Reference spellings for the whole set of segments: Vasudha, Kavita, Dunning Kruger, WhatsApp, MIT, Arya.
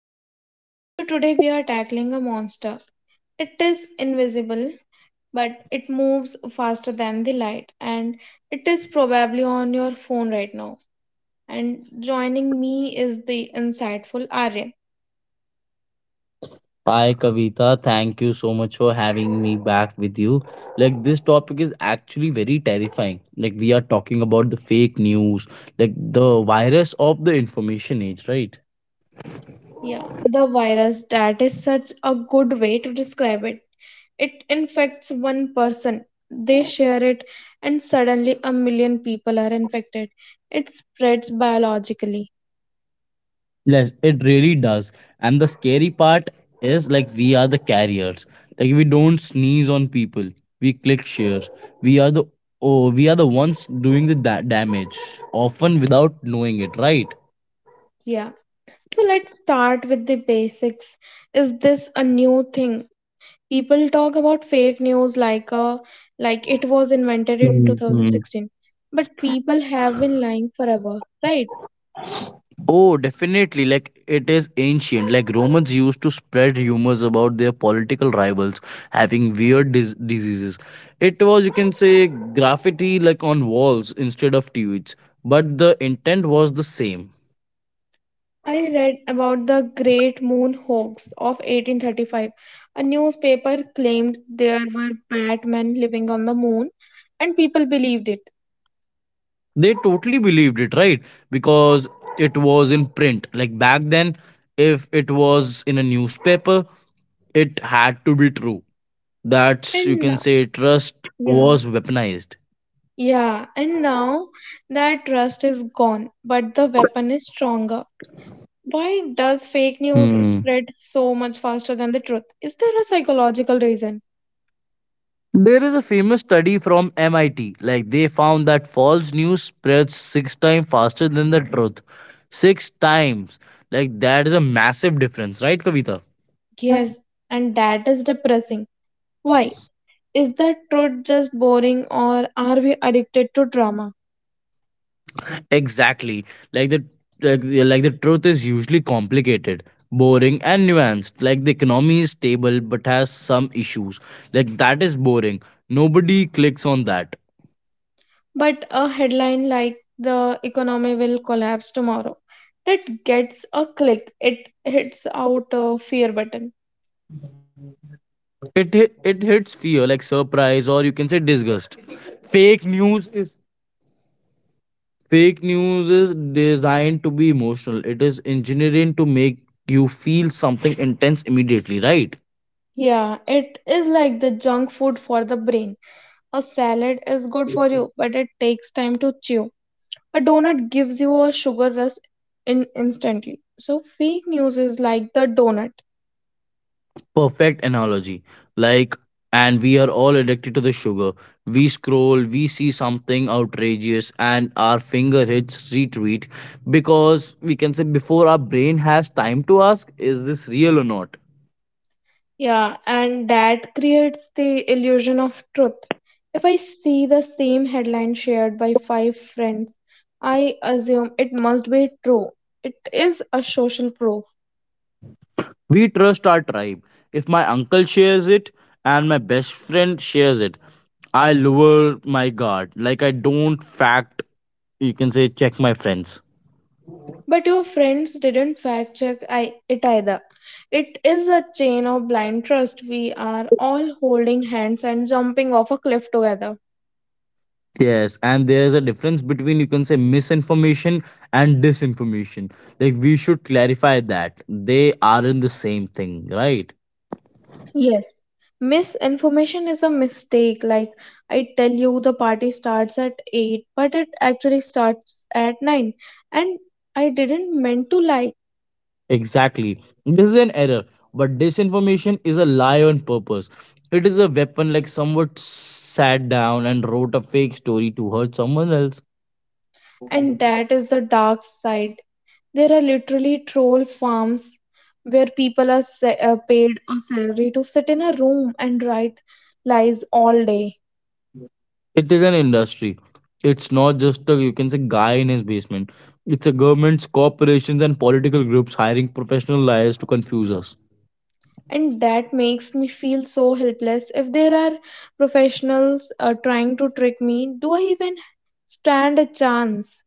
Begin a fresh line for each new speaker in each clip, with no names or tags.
podcast. So today we are tackling a monster. It is invisible, but it moves faster than the light, and it is probably on your phone right now. And joining me is the insightful Arya.
Hi Kavita, thank you so much for having me back with you. Like this topic is actually very terrifying. Like we are talking about the fake news, like the virus of the information age, right?
Yeah, the virus that is such a good way to describe it. It infects one person, they share it, and suddenly a million people are infected. It spreads biologically.
Yes, it really does. And the scary part is like we are the carriers. Like we don't sneeze on people. We click shares. We are the oh, we are the ones doing the damage, often without knowing it, right?
Yeah, so let's start with the basics. Is this a new thing? People talk about fake news like a like it was invented in
Mhm.
2016. But people have been lying forever, right?
Oh, definitely. Like it is ancient. Like Romans used to spread rumors about their political rivals having weird diseases. It was, you can say, graffiti like on walls instead of tweets, but the intent was the same.
I read about the Great Moon Hoax of 1835. A newspaper claimed there were Batmen living on the moon and people believed it.
They totally believed it, right? Because it was in print. Like back then, if it was in a newspaper, it had to be true. That's, you
And
can
now,
say, trust
yeah,
was weaponized.
yeah, and now that trust is gone, but the weapon is stronger. Why does fake news
Hmm.
spread so much faster than the truth? Is there a psychological reason?
There is a famous study from MIT. Like they found that false news spreads six times faster than the truth. Six times. Like that is a massive difference, right, Kavita?
Yes, and that is depressing. Why? Is the truth just boring or are we addicted to drama?
Exactly. Like the like the truth is usually complicated, boring, and nuanced. Like the economy is stable but has some issues. Like that is boring. Nobody clicks on that.
But a headline like the economy will collapse tomorrow, that gets a click. It hits out a fear button.
It hits fear like surprise or you can say disgust. Fake news is Fake news is designed to be emotional. It is engineering to make you feel something intense immediately, right?
Yeah, it is like the junk food for the brain. A salad is good for you, but it takes time to chew. A donut gives you a sugar rush in instantly, so fake news is like the donut.
Perfect analogy. Like, and we are all addicted to the sugar. We scroll, we see something outrageous, and our finger hits retweet because we can say before our brain has time to ask, is this real or not?
Yeah, and that creates the illusion of truth. If I see the same headline shared by five friends, I assume it must be true. It is a social proof.
We trust our tribe. If my uncle shares it and my best friend shares it, I lower my guard. Like I don't fact, you can say, check my friends.
But your friends didn't fact check I, it either. It is a chain of blind trust. We are all holding hands and jumping off a cliff together.
Yes, and there's a difference between you can say misinformation and disinformation. Like we should clarify that they aren't the same thing, right?
Yes. Misinformation is a mistake. Like I tell you the party starts at 8, but it actually starts at 9. And I didn't meant to lie.
Exactly. This is an error, but disinformation is a lie on purpose. It is a weapon like someone sat down and wrote a fake story to hurt someone else.
And that is the dark side. There are literally troll farms where people are paid a salary to sit in a room and write lies all day.
It is an industry. It's not just a you can say guy in his basement. It's a governments, corporations, and political groups hiring professional liars to confuse us.
And that makes me feel so helpless. If there are professionals trying to trick me, do I even stand a chance?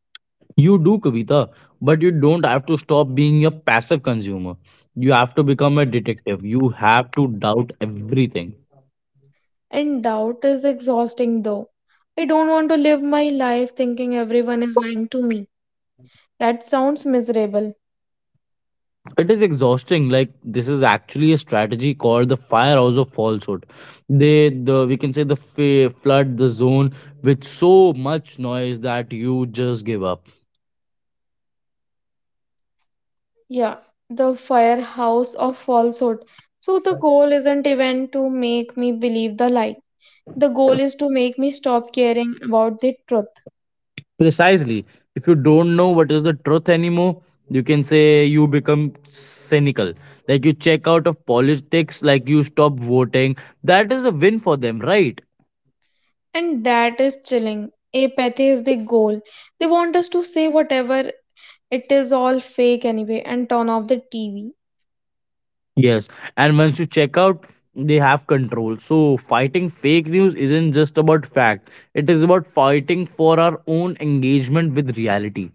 You do, Kavita, but you don't have to stop being a passive consumer. You have to become a detective. You have to doubt everything.
And doubt is exhausting though. I don't want to live my life thinking everyone is lying to me. That sounds miserable.
It is exhausting. Like this is actually a strategy called the firehouse of falsehood. They, the we can say the flood the zone with so much noise that you just give up.
Yeah, the firehouse of falsehood. So the goal isn't even to make me believe the lie. The goal is to make me stop caring about the truth.
Precisely. If you don't know what is the truth anymore, you can say you become cynical. Like you check out of politics, like you stop voting. That is a win for them, right?
And that is chilling. Apathy is the goal. They want us to say whatever, it is all fake anyway, and turn off the TV.
Yes, and once you check out, they have control. So, fighting fake news isn't just about fact, it is about fighting for our own engagement with reality.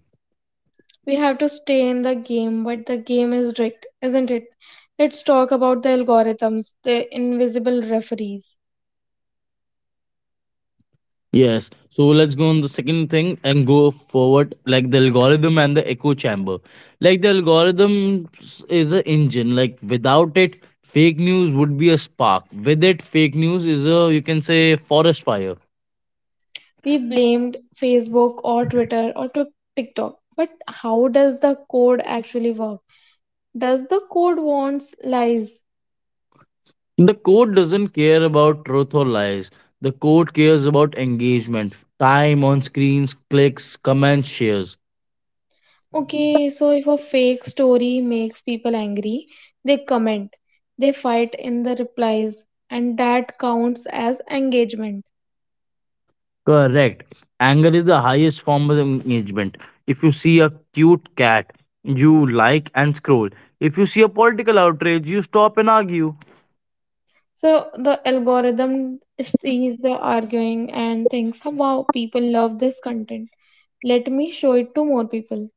We have to stay in the game, but the game is rigged, isn't it? Let's talk about the algorithms, the invisible referees.
Yes, so let's go on the second thing and go forward like the algorithm and the echo chamber. Like, the algorithm is an engine, like, without it, fake news would be a spark. With it, fake news is a you can say forest fire.
We blamed Facebook or Twitter or to TikTok, but how does the code actually work? Does the code wants lies?
The court doesn't care about truth or lies. The court cares about engagement, time on screens, clicks, comments, shares.
Okay, so if a fake story makes people angry, they comment, they fight in the replies, and that counts as engagement.
Correct. Anger is the highest form of engagement. If you see a cute cat, you like and scroll. If you see a political outrage, you stop and argue.
So the algorithm sees the arguing and thinks, "Oh, wow, people love this content. Let me show it to more people."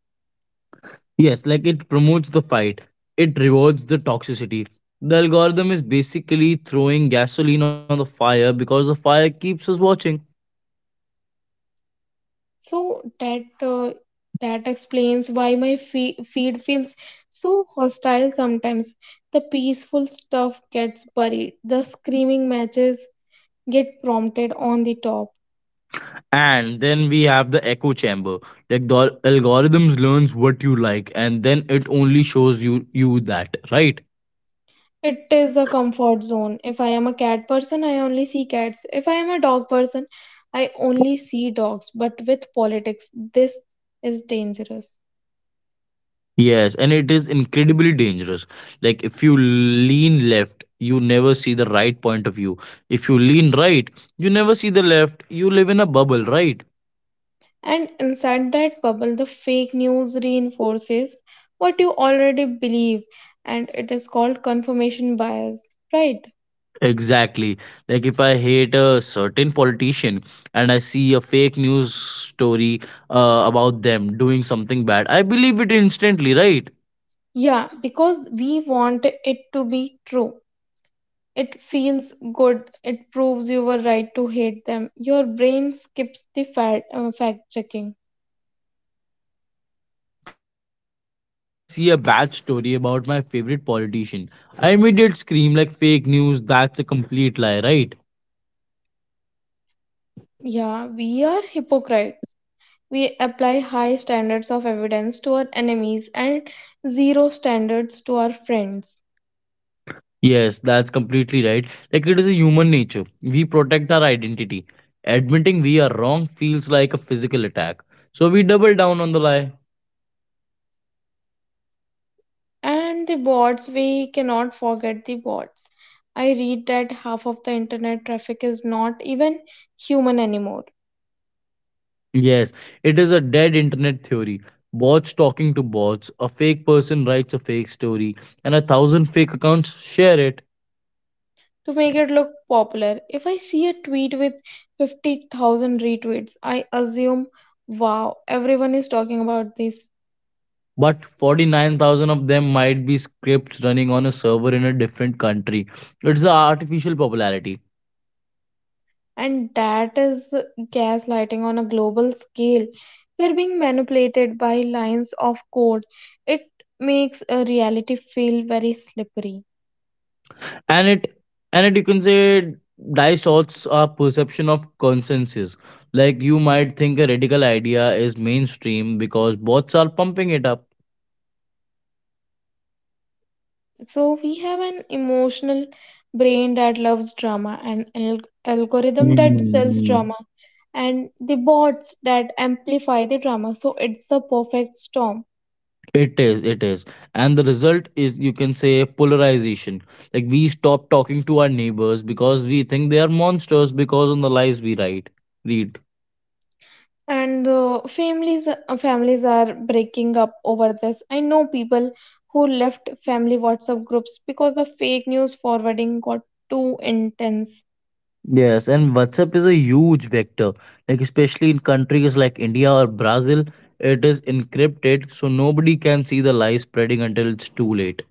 Yes, like it promotes the fight, it rewards the toxicity. The algorithm is basically throwing gasoline on the fire because the fire keeps us watching.
So that uh, that explains why my feed feels so hostile sometimes. The peaceful stuff gets buried. The screaming matches get prompted on the top.
And then we have the echo chamber. Like the algorithms learns what you like and then it only shows you that, right?
It is a comfort zone. If I am a cat person, I only see cats. If I am a dog person, I only see dogs. But with politics, this is dangerous.
Yes, and it is incredibly dangerous. Like if you lean left, you never see the right point of view. If you lean right, you never see the left. You live in a bubble, right?
And inside that bubble, the fake news reinforces what you already believe, and it is called confirmation bias, right?
Exactly. Like if I hate a certain politician and I see a fake news story about them doing something bad, I believe it instantly, right?
Yeah, because we want it to be true. It feels good. It proves you were right to hate them. Your brain skips the fact checking.
Like Kavita, but if I see a bad story about my favorite politician, I immediately scream like fake news, that's a complete lie, right?
Yeah, we are hypocrites. We apply high standards of evidence to our enemies and zero standards to our friends.
Yes, that's completely right. Like it is a human nature. We protect our identity. Admitting we are wrong feels like a physical attack. So we double down on the lie.
And the bots, we cannot forget the bots. I read that half of the internet traffic is not even human anymore.
Yes, it is a dead internet theory. Bots talking to bots, a fake person writes a fake story, and a thousand fake accounts share it.
To make it look popular, if I see a tweet with 50,000 retweets, I assume, wow, everyone is talking about this.
But 49,000 of them might be scripts running on a server in a different country. It's an artificial popularity,
And that is gaslighting on a global scale. We're being manipulated by lines of code. It makes a reality feel very slippery.
and it and it you can say distorts our perception of consensus. Like you might think a radical idea is mainstream because bots are pumping it up.
So we have an emotional brain that loves drama, an algorithm that sells
Mm.
drama, and the bots that amplify the drama. So it's the perfect storm.
It is. And the result is, you can say, polarization. Like, we stop talking to our neighbors because we think they are monsters because on the lies we read.
And families are breaking up over this. I know people who left family WhatsApp groups because the fake news forwarding got too intense.
Yes, and WhatsApp is a huge vector. Like especially in countries like India or Brazil, it is encrypted so nobody can see the lie spreading until it's too late.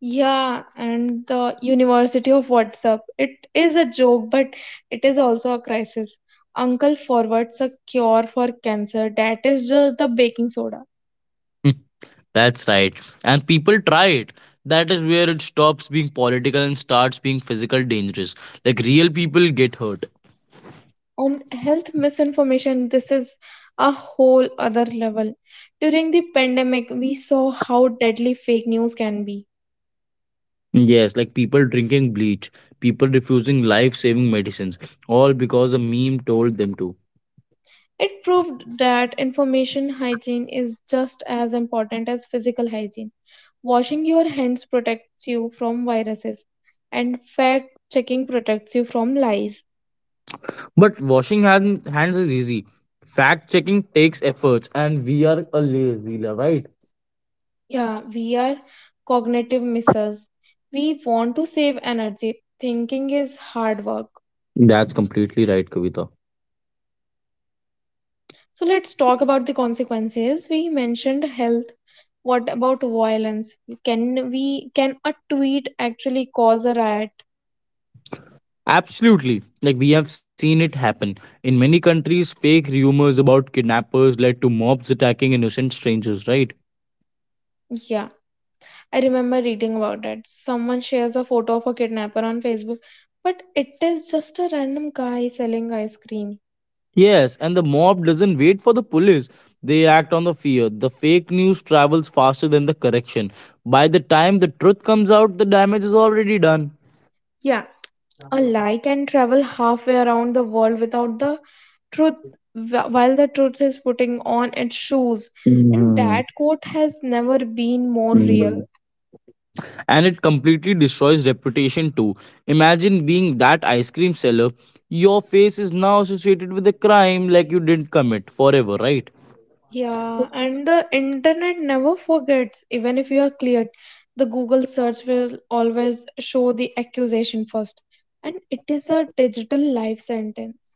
Yeah, and the university of WhatsApp, it is a joke, but it is also a crisis. Uncle forwards a cure for cancer that is just the baking soda.
Hmm. That's right. And people try it. That is where it stops being political and starts being physical dangerous. Like real people get hurt.
On health misinformation, this is a whole other level. During the pandemic, we saw how deadly fake news can be.
Yes, like people drinking bleach, people refusing life saving medicines, all because a meme told them to.
It proved that information hygiene is just as important as physical hygiene. Washing your hands protects you from viruses, and fact checking protects you from lies.
But washing hands is easy. Fact checking takes efforts, and we are a lazy, right?
Yeah, we are cognitive misses. We want to save energy. Thinking is hard work.
That's completely right, Kavita.
So let's talk about the consequences. We mentioned health. What about violence? Can a tweet actually cause a riot?
Absolutely. Like we have seen it happen. In many countries, fake rumors about kidnappers led to mobs attacking innocent strangers, right?
Yeah, I remember reading about it. Someone shares a photo of a kidnapper on Facebook, but it is just a random guy selling ice cream.
Yes, and the mob doesn't wait for the police. They act on the fear. The fake news travels faster than the correction. By the time the truth comes out, the damage is already done.
Yeah, a lie can travel halfway around the world without the truth, while the truth is putting on its shoes. And
Mhm.
that quote has never been more real.
And it completely destroys reputation too. Imagine being that ice cream seller. Your face is now associated with a crime like you didn't commit forever, right?
Yeah, and the internet never forgets, even if you are cleared. The Google search will always show the accusation first, and it is a digital life sentence.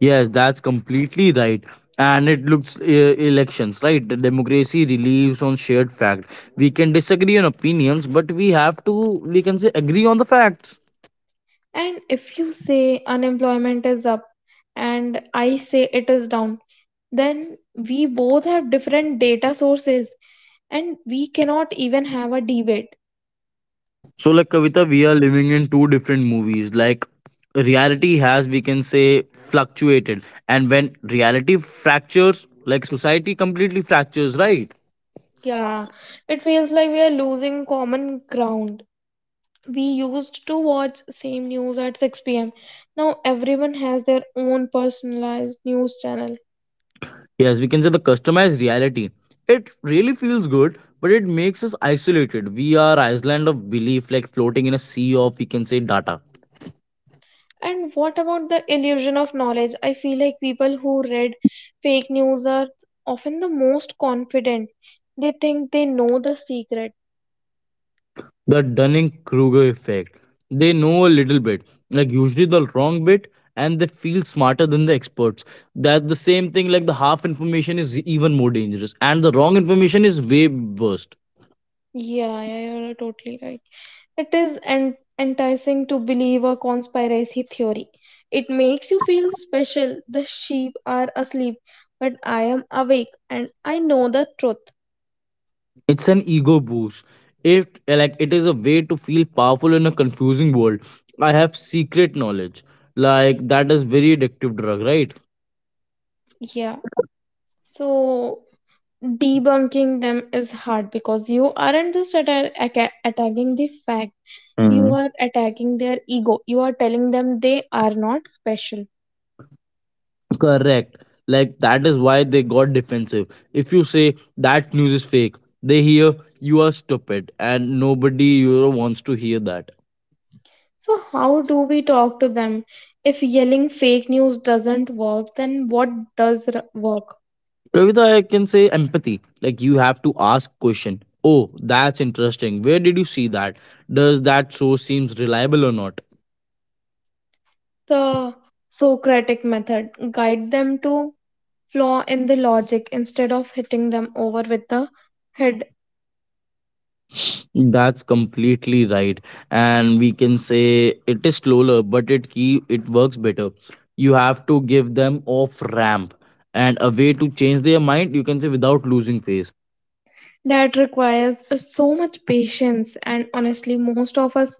Yes, that's completely right. And it looks elections, right? The democracy relies on shared fact. We can disagree on opinions, but we have to, we can say, agree on the facts.
And if you say unemployment is up and I say it is down, then we both have different data sources and we cannot even have a debate.
So, like Kavita, we are living in two different movies. Like reality has, we can say, fluctuated, and when reality fractures, like society completely fractures, right?
Yeah, it feels like we are losing common ground. We used to watch same news at 6 p.m. Now everyone has their own personalized news channel.
Yes, we can say the customized reality. It really feels good, but it makes us isolated. We are island of belief, like floating in a sea of, we can say, data.
And what about the illusion of knowledge? I feel like people who read fake news are often the most confident. They think they know the secret.
The Dunning Kruger effect, they know a little bit, like usually the wrong bit, and they feel smarter than the experts. That's the same thing, like the half information is even more dangerous and the wrong information is way worst.
Yeah, yeah, you're totally right. It is enticing to believe a conspiracy theory. It makes you feel special. The sheep are asleep, but I am awake and I know the truth.
It's an ego boost. It, like it is a way to feel powerful in a confusing world. I have secret knowledge, like that is very addictive drug, right?
Yeah. So debunking them is hard because you aren't just attacking the fact, you are attacking their ego. You are telling them they are not special.
Correct. Like that is why they got defensive. If you say that news is fake, they hear you are stupid and nobody you know, wants to hear that.
So, how do we talk to them? If yelling fake news doesn't work, then what does work?
Ravita, I can say empathy. Like you have to ask question. Oh, that's interesting. Where did you see that? Does that source seems reliable or not?
The Socratic method guide them to flaw in the logic instead of hitting them over with the head.
That's completely right. And we can say it is slower, but it keep it works better. You have to give them off ramp and a way to change their mind, you can say without losing face.
That requires so much patience, and honestly, most of us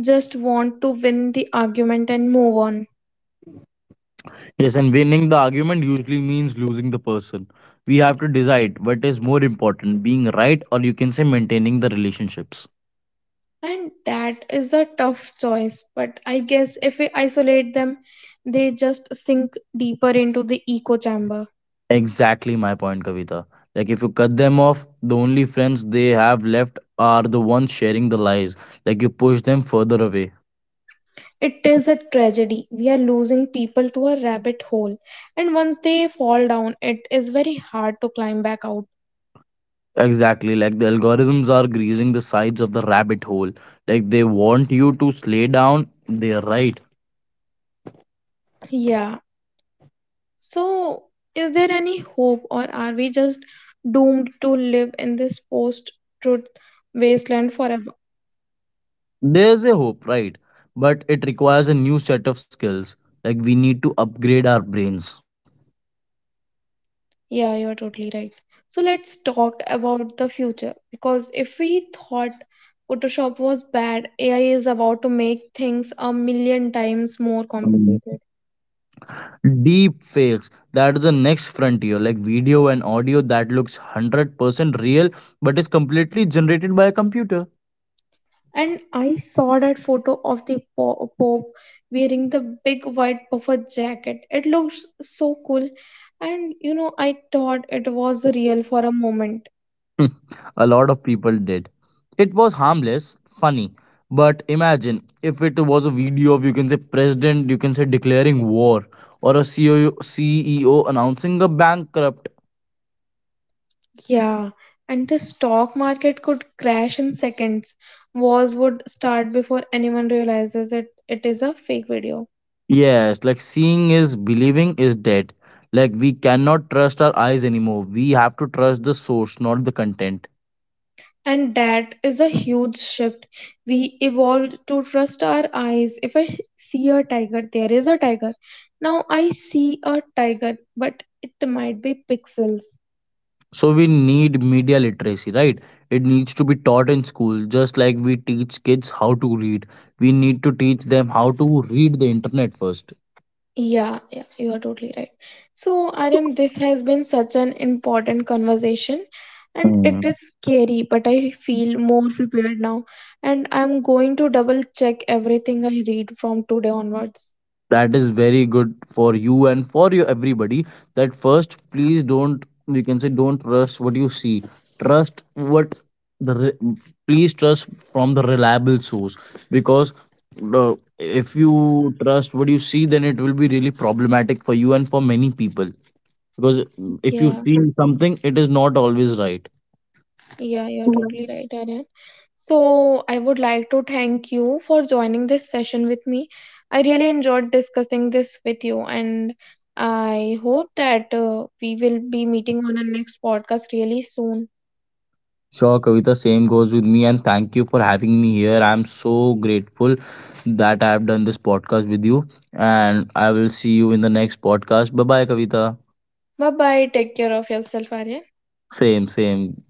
just want to win the argument and move on.
Yes, and winning the argument usually means losing the person. We have to decide what is more important, being right or you can say maintaining the relationships.
And that is a tough choice, but I guess if we isolate them, they just sink deeper into the echo chamber.
Exactly my point, Kavita. Like if you cut them off, the only friends they have left are the ones sharing the lies. Like you push them further away.
It is a tragedy. We are losing people to a rabbit hole, and once they fall down, it is very hard to climb back out.
Exactly, like the algorithms are greasing the sides of the rabbit hole. Like they want you to slay down, their right.
Yeah, so, is there any hope, or are we just doomed to live in this post-truth wasteland forever?
There's a hope, right? But it requires a new set of skills. Like we need to upgrade our brains.
Yeah, you're totally right. So, let's talk about the future because if we thought Photoshop was bad, AI is about to make things a million times more
Mm.
complicated.
Deep fakes, that is the next frontier. Like video and audio that looks 100% real but is completely generated by a computer.
And I saw that photo of the Pope wearing the big white puffer jacket. It looks so cool, and you know, I thought it was real for a moment.
A lot of people did. It was harmless, funny, but imagine if it was a video of you can say president, you can say declaring war, or a CEO announcing a bankrupt.
Yeah, and the stock market could crash in seconds. Wars would start before anyone realizes that it is a fake video.
Yes, like seeing is believing is dead. Like we cannot trust our eyes anymore. We have to trust the source, not the content.
And that is a huge shift. We evolved to trust our eyes. If I see a tiger, there is a tiger. Now I see a tiger, but it might be pixels.
So we need media literacy, right? It needs to be taught in school, just like we teach kids how to read. We need to teach them how to read the internet first.
Yeah, yeah, you are totally right. So, Aryan, this has been such an important conversation, and it
Mm.
is scary, but I feel more prepared now. And I'm going to double check everything I read from today onwards.
That is very good for you and for you everybody. That first, please don't trust what you see. Trust what the re- please trust from the reliable source because the if you trust what you see, then it will be really problematic for you and for many people because if you
Yeah,
see something, it is not always right.
yeah, you're totally right, Aryan. So, I would like to thank you for joining this session with me. I really enjoyed discussing this with you, and I hope that we will be meeting on our next podcast really soon.
Sure, Kavita, same goes with me, and thank you for having me here. I'm so grateful that I've done this podcast with you, and I will see you in the next podcast. Bye bye, Kavita.
Bye bye. Take care of yourself, Arya.
Same, same.